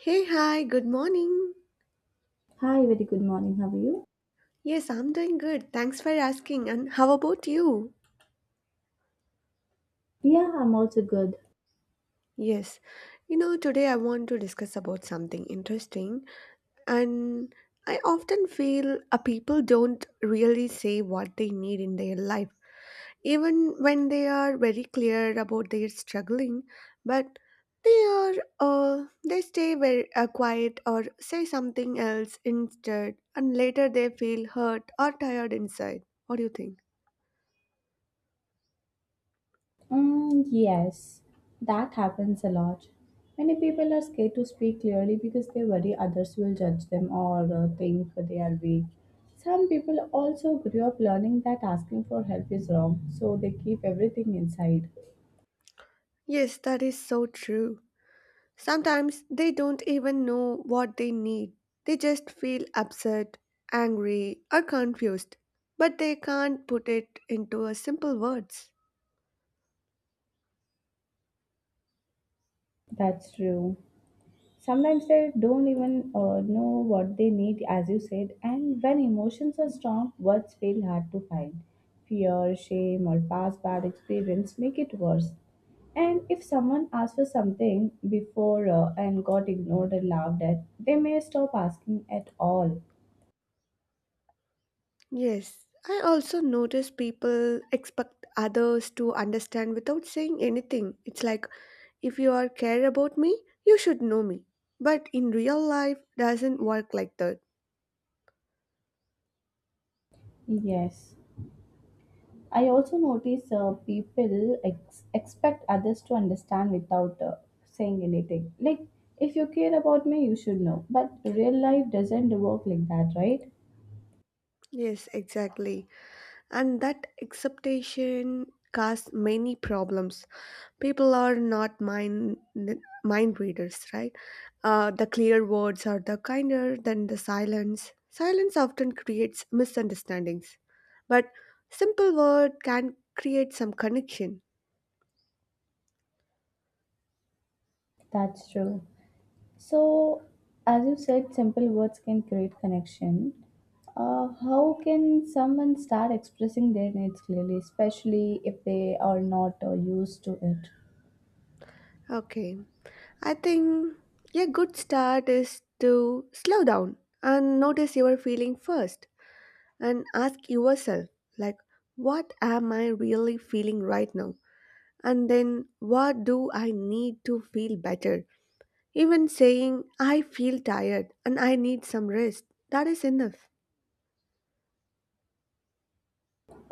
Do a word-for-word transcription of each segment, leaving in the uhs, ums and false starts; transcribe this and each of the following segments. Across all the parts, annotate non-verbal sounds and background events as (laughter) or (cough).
Hey, hi, good morning. Hi, very good morning. How are you? Yes, I'm doing good. Thanks for asking. And how about you? Yeah, I'm also good. Yes, you know, today I want to discuss about something interesting. And I often feel uh, people don't really say what they need in their life, even when they are very clear about their struggling. But they are, uh, they stay very uh, quiet or say something else instead, and later they feel hurt or tired inside. What do you think? Mm, yes, that happens a lot. Many people are scared to speak clearly because they worry others will judge them or uh, think they are weak. Some people also grew up learning that asking for help is wrong, so they keep everything inside. Yes, that is so true. Sometimes they don't even know what they need. They just feel upset, angry, or confused, but they can't put it into a simple words. That's true. Sometimes they don't even uh, know what they need, as you said, and when emotions are strong, words feel hard to find. Fear, shame, or past bad experience make it worse, and if someone asks for something before uh, and got ignored and laughed at, they may stop asking at all. Yes, I also notice people expect others to understand without saying anything. It's like if you are care about me, you should know me. But in real life doesn't work like that. Yes, I also notice uh, people ex- expect others to understand without uh, saying anything. Like, if you care about me, you should know. But real life doesn't work like that, right? Yes, exactly. And that acceptation causes many problems. People are not mind mind readers, right? Uh, the clear words are the kinder than the silence. Silence often creates misunderstandings, but simple word can create some connection. That's true. So, as you said, simple words can create connection. Uh, how can someone start expressing their needs clearly, especially if they are not uh, used to it? Okay, I think a good start is to slow down and notice your feeling first, and ask yourself like, what am I really feeling right now? And then, what do I need to feel better? Even saying, I feel tired and I need some rest, that is enough.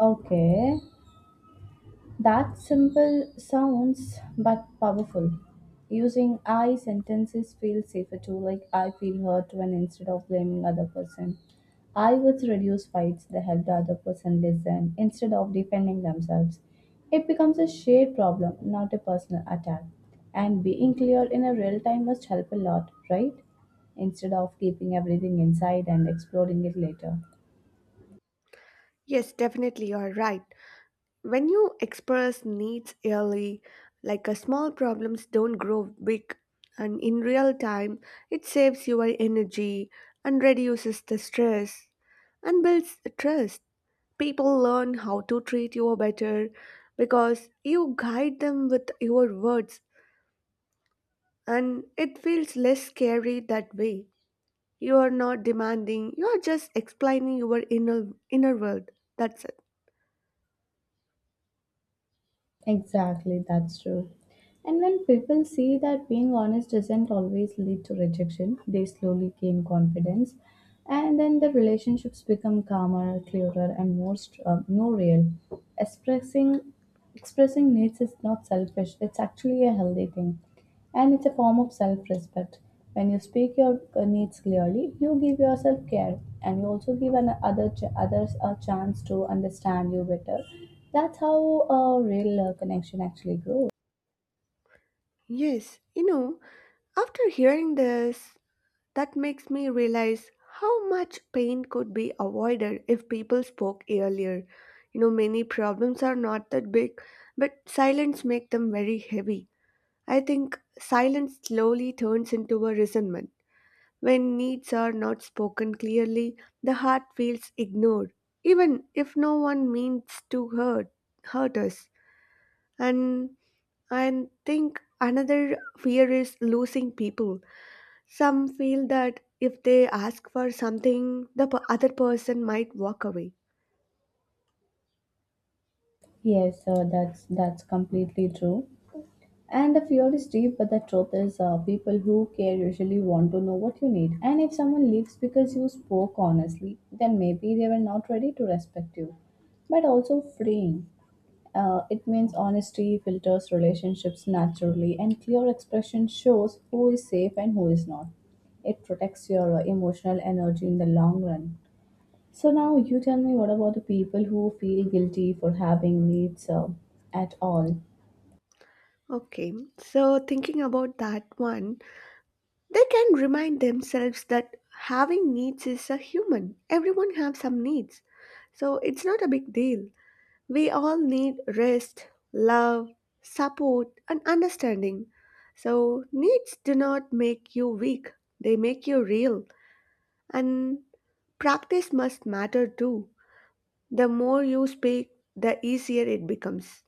Okay. That simple sounds but powerful. Using I sentences feel safer too, like I feel hurt when instead of blaming other person. I would reduce fights. They help the other person listen instead of defending themselves. It becomes a shared problem, not a personal attack. And being clear in a real time must help a lot, right? Instead of keeping everything inside and exploding it later. Yes, definitely, you're right. When you express needs early, like a small problems don't grow big, and in real time, it saves your energy and reduces the stress and builds trust. People learn how to treat you better because you guide them with your words, and it feels less scary that way. You are not demanding, you are just explaining your inner, inner world. That's it. Exactly, that's true. And when people see that being honest doesn't always lead to rejection, they slowly gain confidence, and then the relationships become calmer, clearer, and more str- uh, more real. Expressing expressing needs is not selfish; it's actually a healthy thing. And it's a form of self respect. When you speak your uh, needs clearly, you give yourself care and you also give an other ch- others a chance to understand you better. That's how a real uh, connection actually grows. Yes, you know, after hearing this, that makes me realize how much pain could be avoided if people spoke earlier. You know, many problems are not that big, but silence makes them very heavy. I think silence slowly turns into a resentment. When needs are not spoken clearly, the heart feels ignored, even if no one means to hurt, hurt us. And I think another fear is losing people. Some feel that if they ask for something, the p- other person might walk away. Yes, uh, that's that's completely true. And the fear is deep, but the truth is, uh, people who care usually want to know what you need. And if someone leaves because you spoke honestly, then maybe they were not ready to respect you. But also freeing. Uh, it means honesty filters relationships naturally, and clear expression shows who is safe and who is not. It protects your uh, emotional energy in the long run. So, now you tell me, what about the people who feel guilty for having needs uh, at all? Okay, so thinking about that one, they can remind themselves that having needs is a human. Everyone have some needs. So it's not a big deal. We all need rest, love, support, and understanding. So, needs do not make you weak, they make you real. And practice must matter too. The more you speak, the easier it becomes.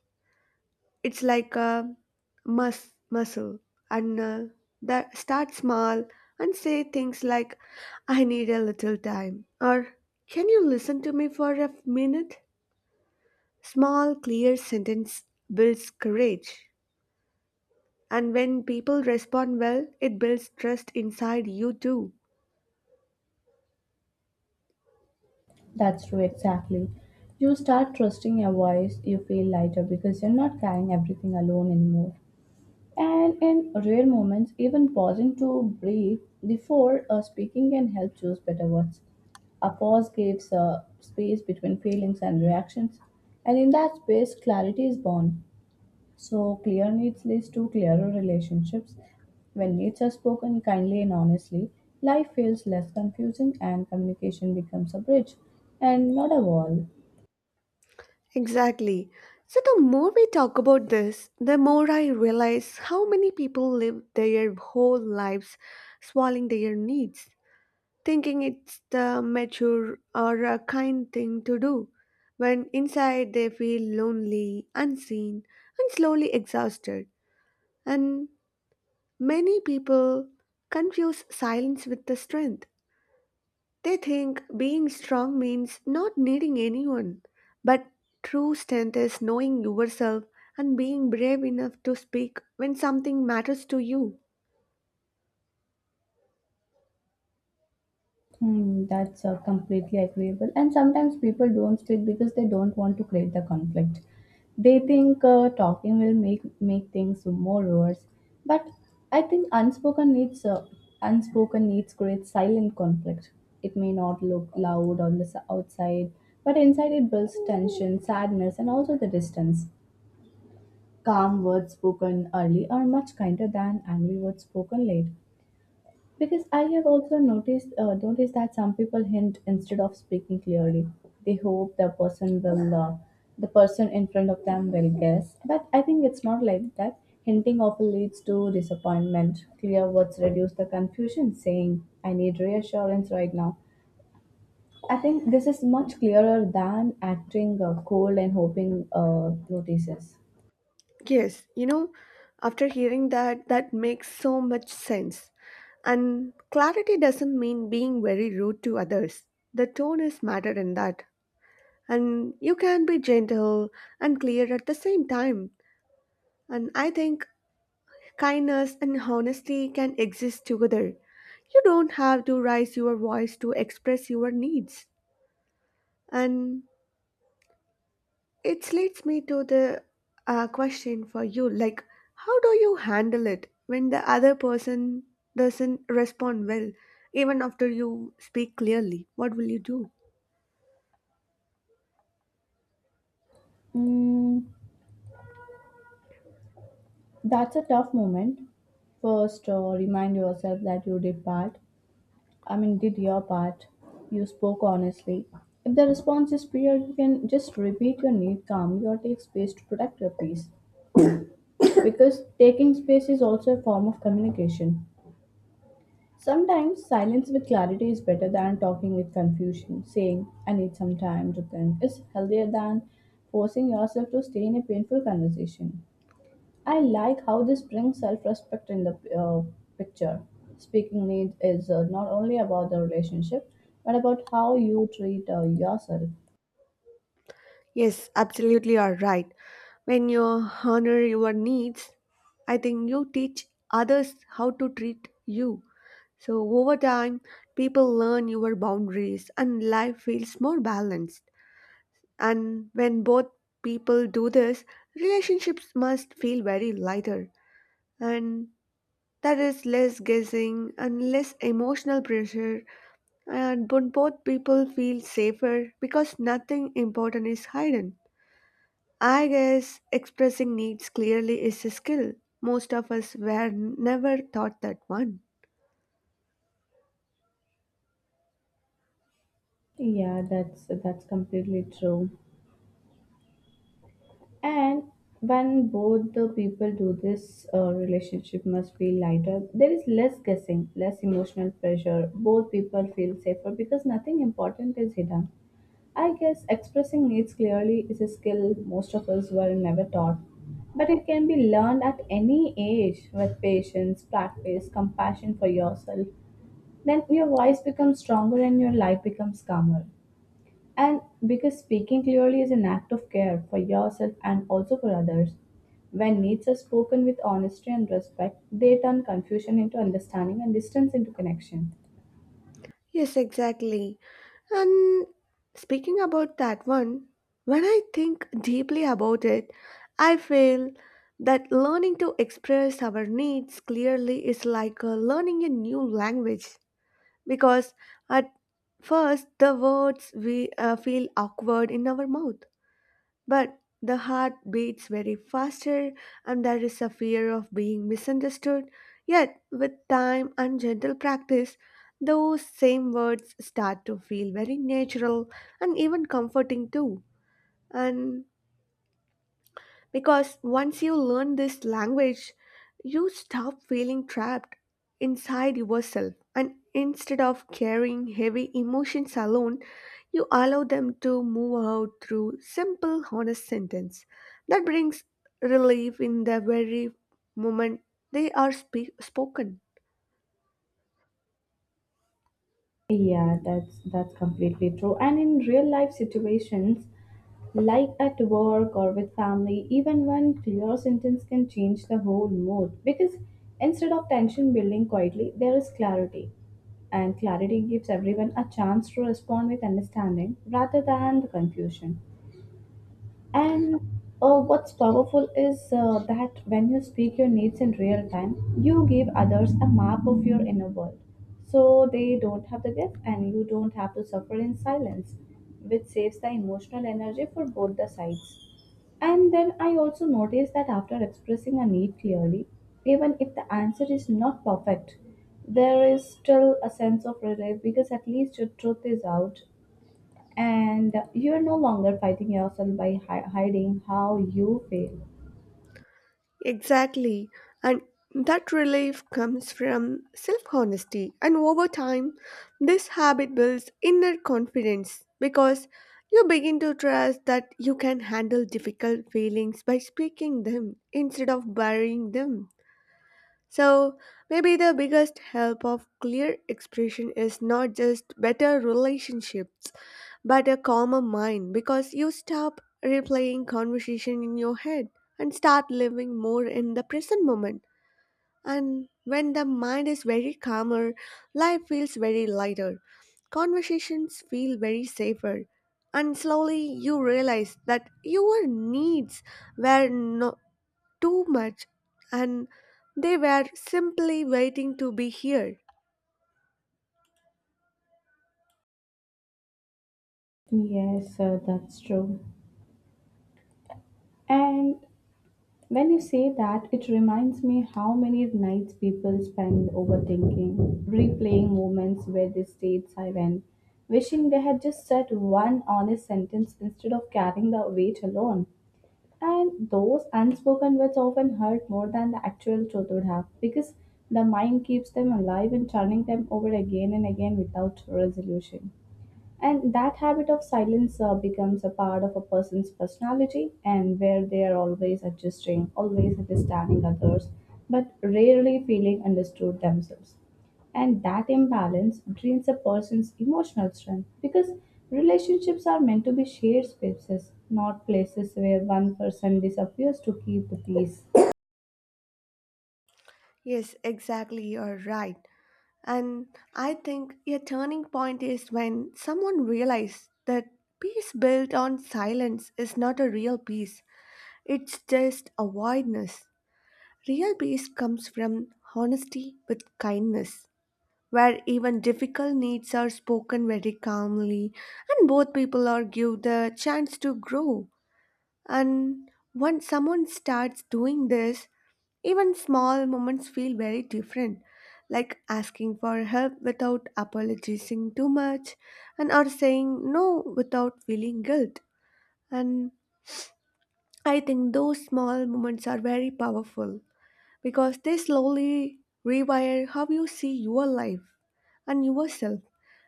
It's like a mus- muscle. And uh, that start small and say things like, I need a little time, or can you listen to me for a minute? Small, clear sentence builds courage. And when people respond well, it builds trust inside you too. That's true, exactly. You start trusting your voice, you feel lighter because you're not carrying everything alone anymore. And in rare moments, even pausing to breathe before uh, speaking can help choose better words. A pause gives uh, space between feelings and reactions, and in that space, clarity is born. So, clear needs leads to clearer relationships. When needs are spoken kindly and honestly, life feels less confusing and communication becomes a bridge and not a wall. Exactly. So, the more we talk about this, the more I realize how many people live their whole lives swallowing their needs, thinking it's the mature or a kind thing to do, when inside they feel lonely, unseen, and slowly exhausted. And many people confuse silence with the strength. They think being strong means not needing anyone. But true strength is knowing yourself and being brave enough to speak when something matters to you. Hmm, that's uh, completely agreeable. And sometimes people don't speak because they don't want to create the conflict. They think uh, talking will make make things more worse. But I think unspoken needs uh, unspoken needs create silent conflict. It may not look loud on the s- outside, but inside it builds tension, sadness, and also the distance. Calm words spoken early are much kinder than angry words spoken late. Because I have also noticed uh, noticed that some people hint instead of speaking clearly. They hope the person will uh, the person in front of them will guess. But I think it's not like that. Hinting often leads to disappointment. Clear words reduce the confusion. Saying "I need reassurance right now." I think this is much clearer than acting uh, cold and hoping uh, notices. Yes, you know, after hearing that, that makes so much sense. And clarity doesn't mean being very rude to others. The tone is matter in that. And you can be gentle and clear at the same time. And I think kindness and honesty can exist together. You don't have to raise your voice to express your needs. And it leads me to the uh, question for you like, how do you handle it when the other person doesn't respond well, even after you speak clearly? What will you do? Mm, that's a tough moment. First, uh, remind yourself that you did part. I mean, did your part. You spoke honestly. If the response is clear, you can just repeat your need calmly or take space to protect your peace. Because taking space is also a form of communication. Sometimes silence with clarity is better than talking with confusion. Saying, I need some time to think, is healthier than forcing yourself to stay in a painful conversation. I like how this brings self respect in the uh, picture. Speaking needs is uh, not only about the relationship, but about how you treat uh, yourself. Yes, absolutely, you're right. When you honor your needs, I think you teach others how to treat you. So, over time, people learn your boundaries and life feels more balanced. And when both people do this, relationships must feel very lighter. And that is less guessing and less emotional pressure. And when both people feel safer because nothing important is hidden. I guess expressing needs clearly is a skill. Most of us were never taught that one. Yeah, that's that's completely true. And when both the people do this, uh, relationship must be lighter. There is less guessing, less emotional pressure. Both people feel safer because nothing important is hidden. I guess expressing needs clearly is a skill most of us were never taught, but it can be learned at any age with patience, practice, compassion for yourself. Then your voice becomes stronger and your life becomes calmer. And because speaking clearly is an act of care for yourself and also for others. When needs are spoken with honesty and respect, they turn confusion into understanding and distance into connection. Yes, exactly. And speaking about that one, when I think deeply about it, I feel that learning to express our needs clearly is like uh, learning a new language, because at first the words we uh, feel awkward in our mouth, but the heart beats very faster, and there is a fear of being misunderstood. Yet, with time and gentle practice, those same words start to feel very natural and even comforting too. And because once you learn this language, you stop feeling trapped inside yourself. And instead of carrying heavy emotions alone, you allow them to move out through simple, honest sentence. That brings relief in the very moment they are spe- spoken. Yeah, that's that's completely true. And in real life situations, like at work or with family, even one clear sentence can change the whole mood, because instead of tension building quietly, there is clarity. And clarity gives everyone a chance to respond with understanding rather than the confusion. And uh, what's powerful is uh, that when you speak your needs in real time, you give others a map of your inner world. So they don't have to guess and you don't have to suffer in silence, which saves the emotional energy for both the sides. And then I also noticed that after expressing a need clearly, even if the answer is not perfect, there is still a sense of relief because at least your truth is out and you're no longer fighting yourself by hi- hiding how you feel. Exactly. And that relief comes from self honesty. And over time, this habit builds inner confidence because you begin to trust that you can handle difficult feelings by speaking them instead of burying them. So, maybe the biggest help of clear expression is not just better relationships but a calmer mind, because you stop replaying conversation in your head and start living more in the present moment. And when the mind is very calmer, life feels very lighter, conversations feel very safer, and slowly you realize that your needs were not too much, and they were simply waiting to be heard. Yes, sir, that's true. And when you say that, it reminds me how many nights people spend overthinking, replaying moments where they stayed silent, wishing they had just said one honest sentence instead of carrying the weight alone. And those unspoken words often hurt more than the actual truth would have, because the mind keeps them alive and turning them over again and again without resolution. And that habit of silence uh, becomes a part of a person's personality, and where they are always adjusting, always understanding others, but rarely feeling understood themselves. And that imbalance drains a person's emotional strength, because relationships are meant to be shared spaces, not places where one person disappears to keep the peace. Yes, exactly, you're right. And I think a turning point is when someone realized that peace built on silence is not a real peace, it's just a voidness. Real peace comes from honesty with kindness, where even difficult needs are spoken very calmly, and both people are given the chance to grow. And once someone starts doing this, even small moments feel very different, like asking for help without apologizing too much and or saying no without feeling guilt. And I think those small moments are very powerful because they slowly rewire how you see your life and yourself,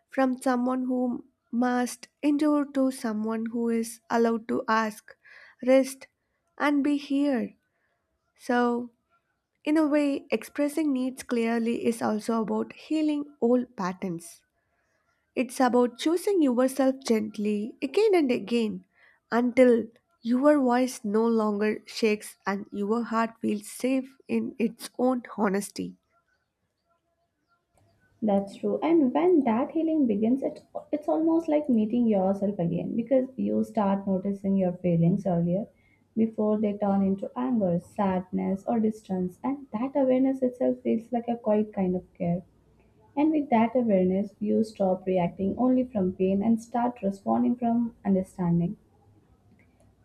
from someone who must endure to someone who is allowed to ask, rest, and be here. So in a way, expressing needs clearly is also about healing old patterns. It's about choosing yourself gently again and again until your voice no longer shakes and your heart feels safe in its own honesty. That's true. And when that healing begins, it's, it's almost like meeting yourself again, because you start noticing your feelings earlier, before they turn into anger, sadness, or distance. And that awareness itself feels like a quiet kind of care. And with that awareness, you stop reacting only from pain and start responding from understanding,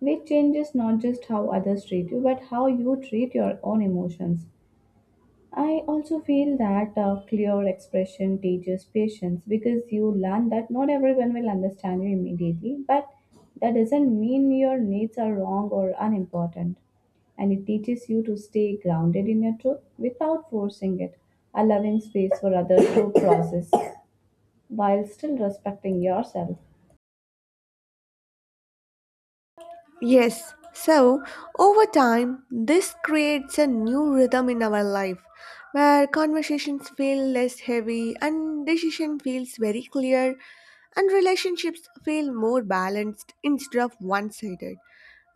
which changes not just how others treat you, but how you treat your own emotions. I also feel that uh, clear expression teaches patience, because you learn that not everyone will understand you immediately, but that doesn't mean your needs are wrong or unimportant. And it teaches you to stay grounded in your truth without forcing it, allowing space for others to (coughs) process while still respecting yourself. Yes, so over time, this creates a new rhythm in our life where conversations feel less heavy and decision feels very clear and relationships feel more balanced instead of one-sided.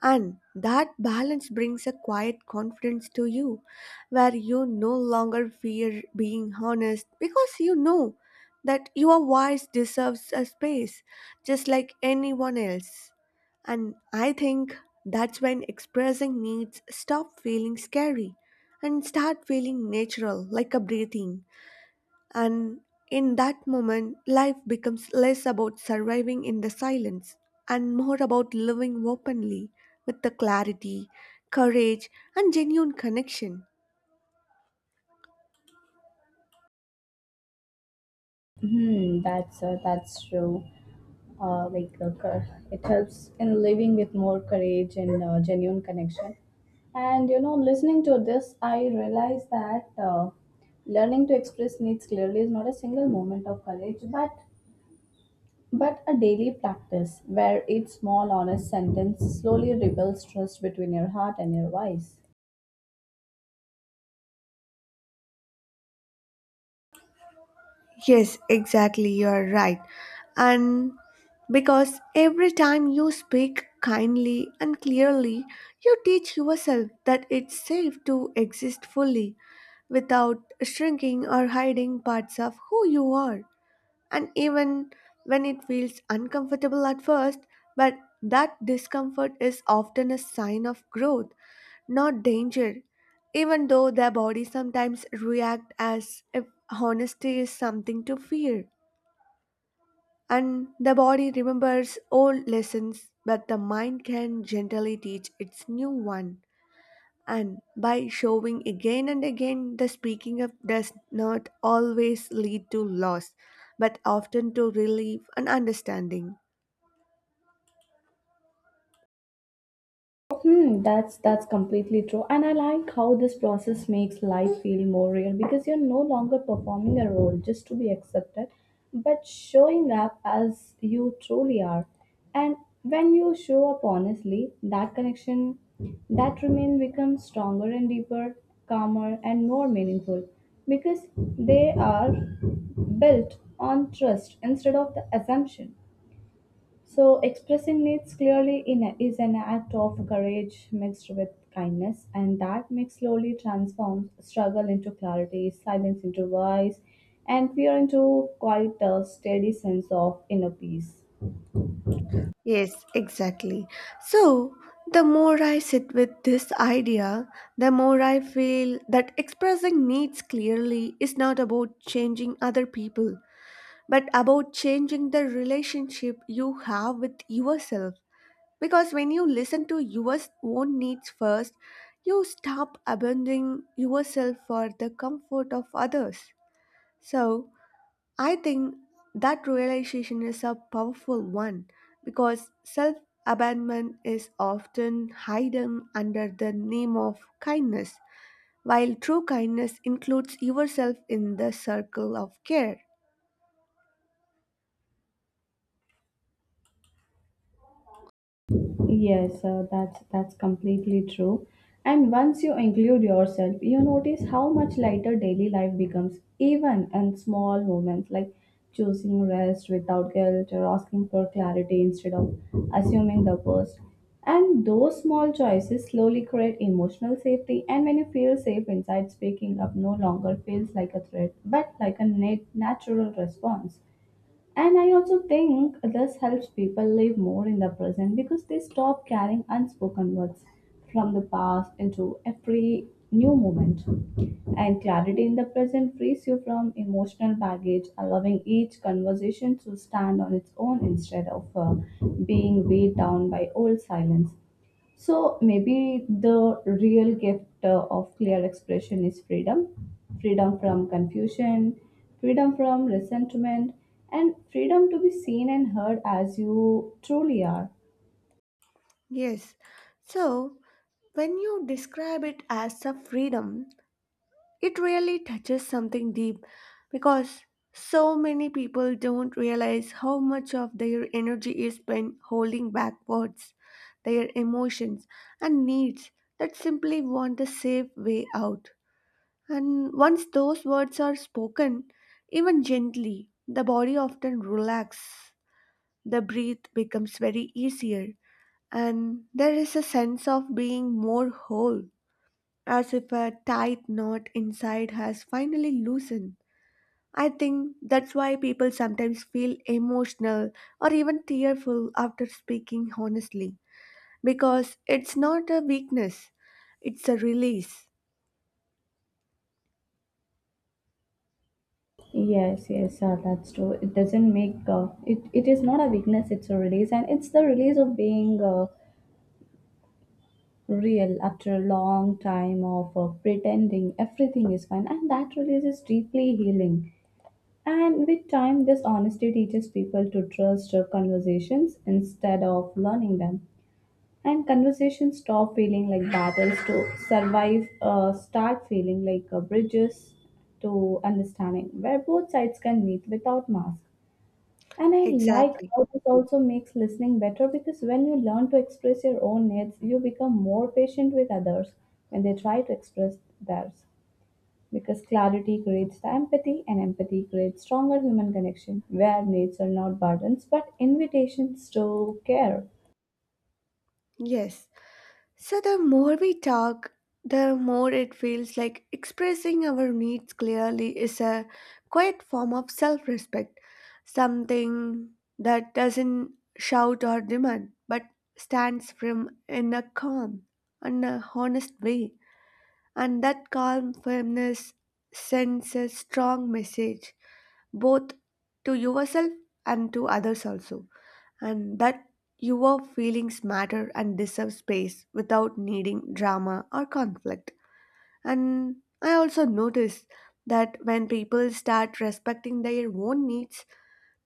And that balance brings a quiet confidence to you, where you no longer fear being honest because you know that your voice deserves a space just like anyone else. And I think that's when expressing needs stop feeling scary and start feeling natural, like a breathing. And in that moment, life becomes less about surviving in the silence and more about living openly with the clarity, courage, and genuine connection. Hmm, that's uh, that's true. uh, like uh, cou- it helps in living with more courage and uh, genuine connection, and you know, listening to this, I realize that uh, learning to express needs clearly is not a single moment of courage, but but a daily practice where each small honest sentence slowly rebuilds trust between your heart and your voice. Yes, exactly, you are right. And because every time you speak kindly and clearly, you teach yourself that it's safe to exist fully without shrinking or hiding parts of who you are. And even when it feels uncomfortable at first, but that discomfort is often a sign of growth, not danger, even though their bodies sometimes react as if honesty is something to fear. And the body remembers old lessons, but the mind can gently teach its new one. And by showing again and again, the speaking up does not always lead to loss, but often to relief and understanding. Hmm, that's that's completely true. And I like how this process makes life feel more real, because you're no longer performing a role just to be accepted, but showing up as you truly are. And when you show up honestly, that connection, that remain becomes stronger and deeper, calmer and more meaningful, because they are built on trust instead of the assumption. So, expressing needs clearly in is an act of courage mixed with kindness, and that mix slowly transforms struggle into clarity, silence into voice, and fear into quite a steady sense of inner peace. Yes, exactly. So, the more I sit with this idea, the more I feel that expressing needs clearly is not about changing other people, but about changing the relationship you have with yourself. Because when you listen to your own needs first, you stop abandoning yourself for the comfort of others. So, I think that realization is a powerful one because self abandonment is often hidden under the name of kindness, while true kindness includes yourself in the circle of care. Yes, uh, that's that's completely true. And once you include yourself, you notice how much lighter daily life becomes, even in small moments like choosing rest without guilt or asking for clarity instead of assuming the worst. And those small choices slowly create emotional safety. And when you feel safe inside, speaking up no longer feels like a threat, but like a nat- natural response. And I also think this helps people live more in the present, because they stop carrying unspoken words from the past into every new moment. And clarity in the present frees you from emotional baggage, allowing each conversation to stand on its own instead of uh, being weighed down by old silence. So maybe the real gift uh, of clear expression is freedom freedom from confusion, freedom from resentment, and freedom to be seen and heard as you truly are. Yes. So, when you describe it as a freedom, it really touches something deep, because so many people don't realize how much of their energy is spent holding back words, their emotions, and needs that simply want a safe way out. And once those words are spoken, even gently, the body often relaxes, the breath becomes very easier, and there is a sense of being more whole, as if a tight knot inside has finally loosened. I think that's why people sometimes feel emotional or even tearful after speaking honestly, because it's not a weakness, it's a release. Yes, yes, uh, that's true. It doesn't make uh, it. It is not a weakness. It's a release, and it's the release of being uh, real after a long time of uh, pretending everything is fine, and that release is deeply healing. And with time, this honesty teaches people to trust uh, conversations instead of learning them. And conversations stop feeling like battles to survive, uh, start feeling like uh, bridges to understanding, where both sides can meet without mask. And I like Exactly. how this also makes listening better because when you learn to express your own needs, you become more patient with others when they try to express theirs because clarity creates the empathy and empathy creates stronger human connection where needs are not burdens but invitations to care. Yes. So, the more we talk, the more it feels like expressing our needs clearly is a quiet form of self respect, something that doesn't shout or demand but stands firm in a calm and a honest way. And that calm firmness sends a strong message both to yourself and to others also, and that your feelings matter and deserve space without needing drama or conflict. And I also notice that when people start respecting their own needs,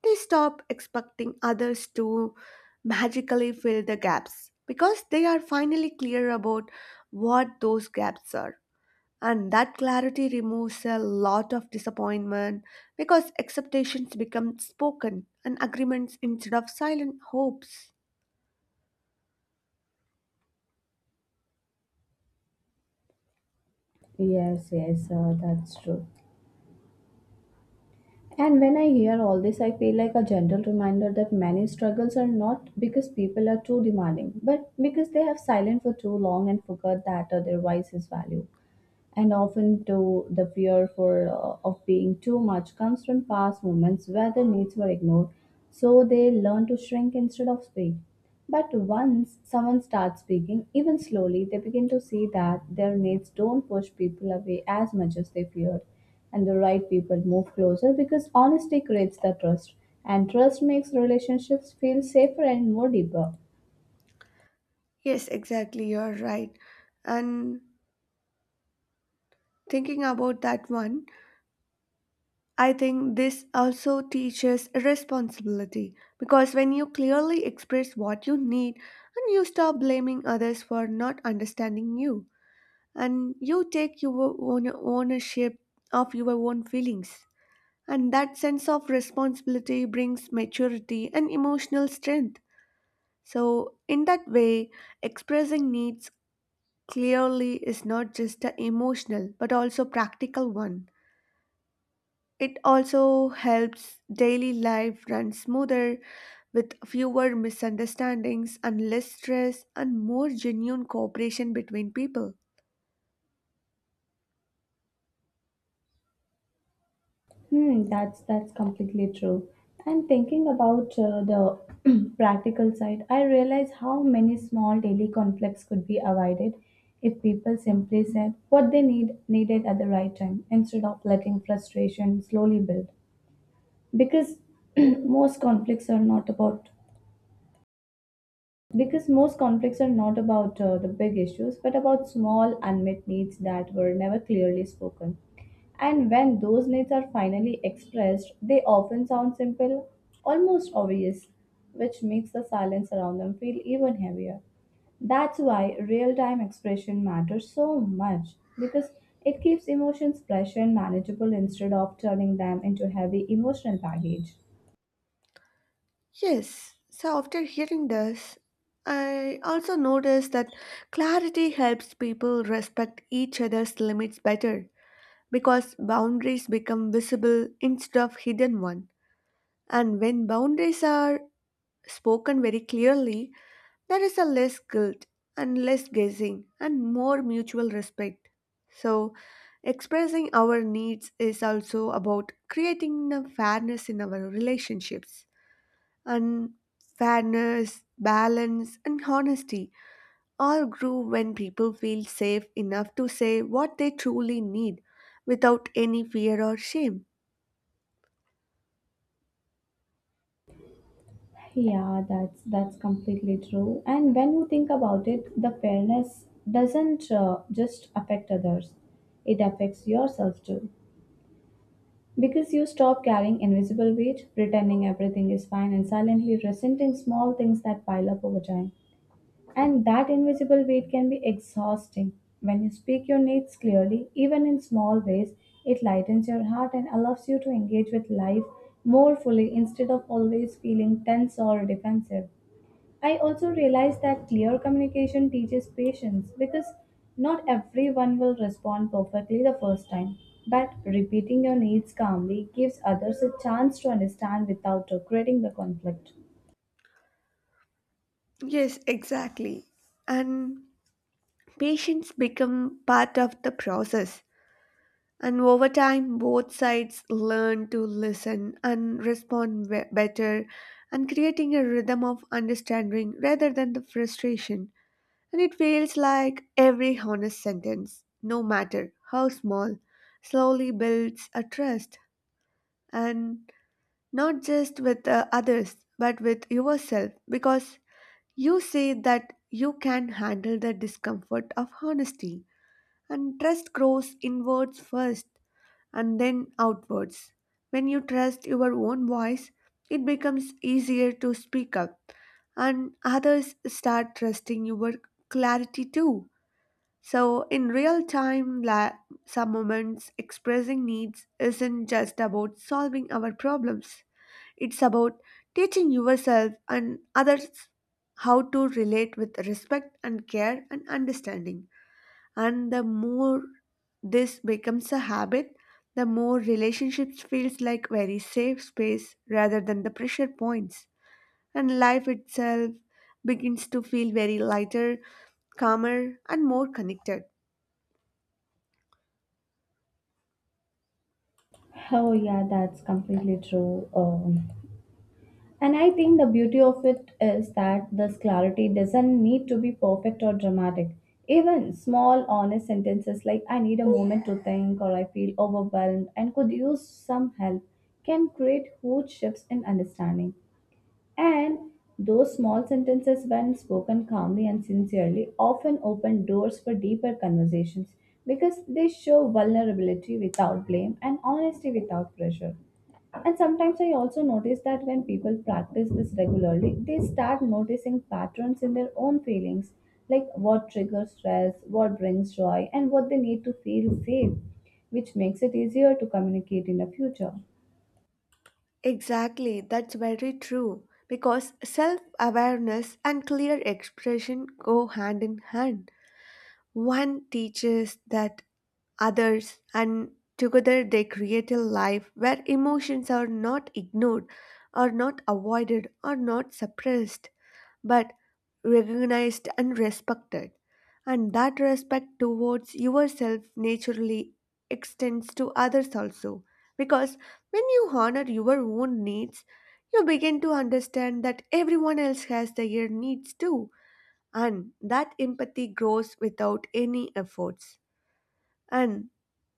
they stop expecting others to magically fill the gaps because they are finally clear about what those gaps are. And that clarity removes a lot of disappointment because expectations become spoken and agreements instead of silent hopes. Yes yes uh, that's true. And when I hear all this I feel like a gentle reminder that many struggles are not because people are too demanding but because they have silent for too long and forgot that uh, their voice is valued, and often to the fear for uh, of being too much comes from past moments where their needs were ignored, so they learn to shrink instead of speak. But once someone starts speaking even slowly they begin to see that their needs don't push people away as much as they feared, and the right people move closer because honesty creates the trust, and trust makes relationships feel safer and more deeper. Yes, exactly. You're right. And thinking about that one, I think this also teaches responsibility because when you clearly express what you need and you stop blaming others for not understanding you, and you take your own ownership of your own feelings. And that sense of responsibility brings maturity and emotional strength. So, in that way, expressing needs clearly is not just an emotional but also practical one. It also helps daily life run smoother with fewer misunderstandings and less stress and more genuine cooperation between people. Hmm, that's that's completely true. And thinking about uh, the (clears throat) practical side, I realize how many small daily conflicts could be avoided if people simply said what they need needed at the right time instead of letting frustration slowly build. Because (clears throat) most conflicts are not about because most conflicts are not about uh, the big issues, but about small unmet needs that were never clearly spoken. And when those needs are finally expressed, they often sound simple, almost obvious, which makes the silence around them feel even heavier. That's why real time expression matters so much because it keeps emotions fresh and manageable instead of turning them into heavy emotional baggage. Yes, so after hearing this, I also noticed that clarity helps people respect each other's limits better because boundaries become visible instead of hidden one. And when boundaries are spoken very clearly, there is a less guilt and less guessing and more mutual respect. So, expressing our needs is also about creating a fairness in our relationships. And fairness, balance, and honesty all grow when people feel safe enough to say what they truly need without any fear or shame. Yeah, that's that's completely true. And when you think about it, the fairness doesn't uh, just affect others; it affects yourself too, because you stop carrying invisible weight, pretending everything is fine, and silently resenting small things that pile up over time. And that invisible weight can be exhausting. When you speak your needs clearly, even in small ways, it lightens your heart and allows you to engage with life more fully instead of always feeling tense or defensive. I also realize that clear communication teaches patience because not everyone will respond perfectly the first time. But repeating your needs calmly gives others a chance to understand without creating the conflict. Yes, exactly. And patience become part of the process. And over time, both sides learn to listen and respond be- better, and creating a rhythm of understanding rather than the frustration. And it feels like every honest sentence, no matter how small, slowly builds a trust, and not just with uh, others but with yourself, because you say that you can handle the discomfort of honesty, and trust grows inwards first and then outwards. When you trust your own voice, it becomes easier to speak up, and others start trusting your clarity too. So, in real time, la- some moments, expressing needs isn't just about solving our problems, it's about teaching yourself and others how to relate with respect and care and understanding. And the more this becomes a habit, the more relationships feels like very safe space rather than the pressure points, and life itself begins to feel very lighter, calmer and more connected. Oh, yeah, that's completely true. Um, And I think the beauty of it is that this clarity doesn't need to be perfect or dramatic. Even small, honest sentences like, I need a moment to think, or I feel overwhelmed and could use some help, can create huge shifts in understanding. And those small sentences, when spoken calmly and sincerely, often open doors for deeper conversations because they show vulnerability without blame and honesty without pressure. And sometimes I also notice that when people practice this regularly, they start noticing patterns in their own feelings, like what triggers stress, what brings joy, and what they need to feel safe, which makes it easier to communicate in the future. Exactly, that's very true because self-awareness and clear expression go hand in hand. One teaches that others, and together they create a life where emotions are not ignored, are not avoided, are not suppressed, but recognized and respected. And that respect towards yourself naturally extends to others also. Because when you honor your own needs, you begin to understand that everyone else has their needs too, and that empathy grows without any efforts. And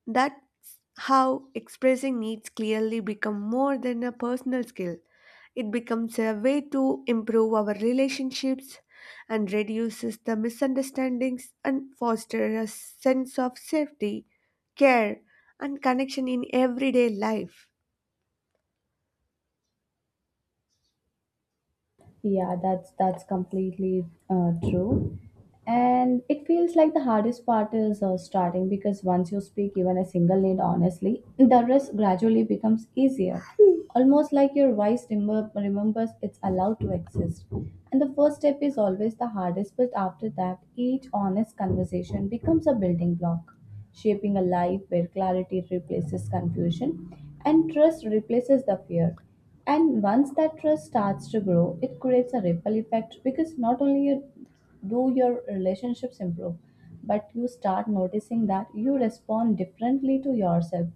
that's how expressing needs clearly become more than a personal skill. It becomes a way to improve our relationships and reduces the misunderstandings and foster a sense of safety, care and connection in everyday life. Yeah, that's that's completely uh, true. And it feels like the hardest part is uh, starting because once you speak even a single need honestly, the rest gradually becomes easier. Almost like your voice remember, remembers it's allowed to exist. And the first step is always the hardest, but after that, each honest conversation becomes a building block, shaping a life where clarity replaces confusion and trust replaces the fear. And once that trust starts to grow, it creates a ripple effect because not only you- do your relationships improve, but you start noticing that you respond differently to yourself.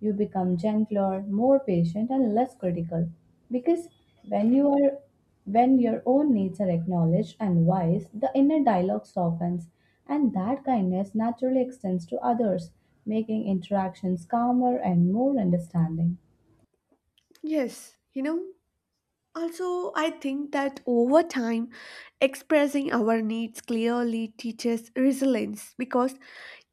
You become gentler, more patient, and less critical because when you are when your own needs are acknowledged and wise, the inner dialogue softens, and that kindness naturally extends to others, making interactions calmer and more understanding. Yes, you know, also, I think that over time, expressing our needs clearly teaches resilience because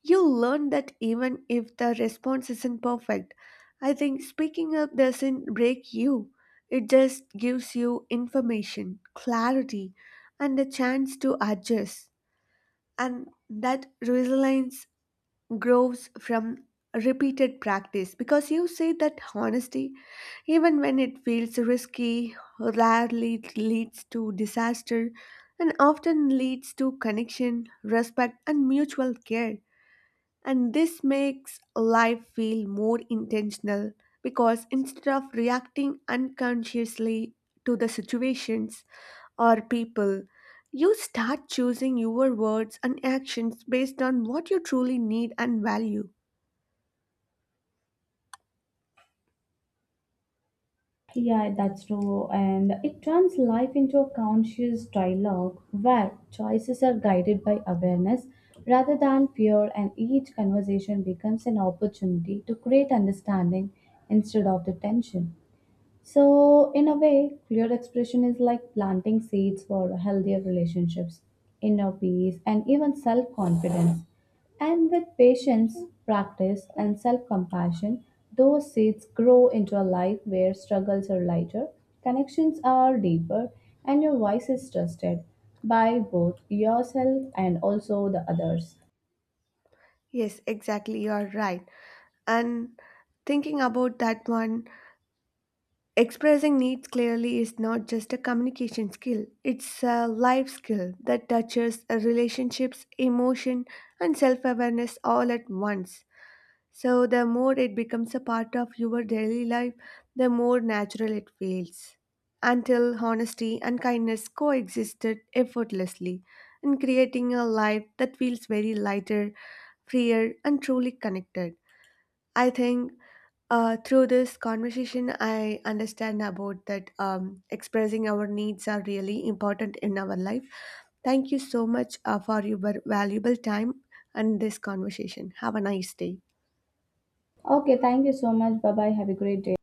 you learn that even if the response isn't perfect, I think speaking up doesn't break you. It just gives you information, clarity, and a chance to adjust. And that resilience grows from repeated practice because you say that honesty, even when it feels risky, rarely leads to disaster and often leads to connection, respect, and mutual care. And this makes life feel more intentional because instead of reacting unconsciously to the situations or people, you start choosing your words and actions based on what you truly need and value. Yeah, that's true. And it turns life into a conscious dialogue where choices are guided by awareness rather than fear, and each conversation becomes an opportunity to create understanding instead of the tension. So, in a way, clear expression is like planting seeds for healthier relationships, inner peace, and even self confidence. And with patience, practice, and self compassion, those seeds grow into a life where struggles are lighter, connections are deeper, and your voice is trusted by both yourself and also the others. Yes, exactly, you're right. And thinking about that one, expressing needs clearly is not just a communication skill, it's a life skill that touches relationships, emotion, and self awareness all at once. So, the more it becomes a part of your daily life, the more natural it feels. Until honesty and kindness coexisted effortlessly in creating a life that feels very lighter, freer, and truly connected. I think uh, through this conversation, I understand about that um, expressing our needs are really important in our life. Thank you so much uh, for your valuable time and this conversation. Have a nice day. Okay, thank you so much. Bye bye. Have a great day.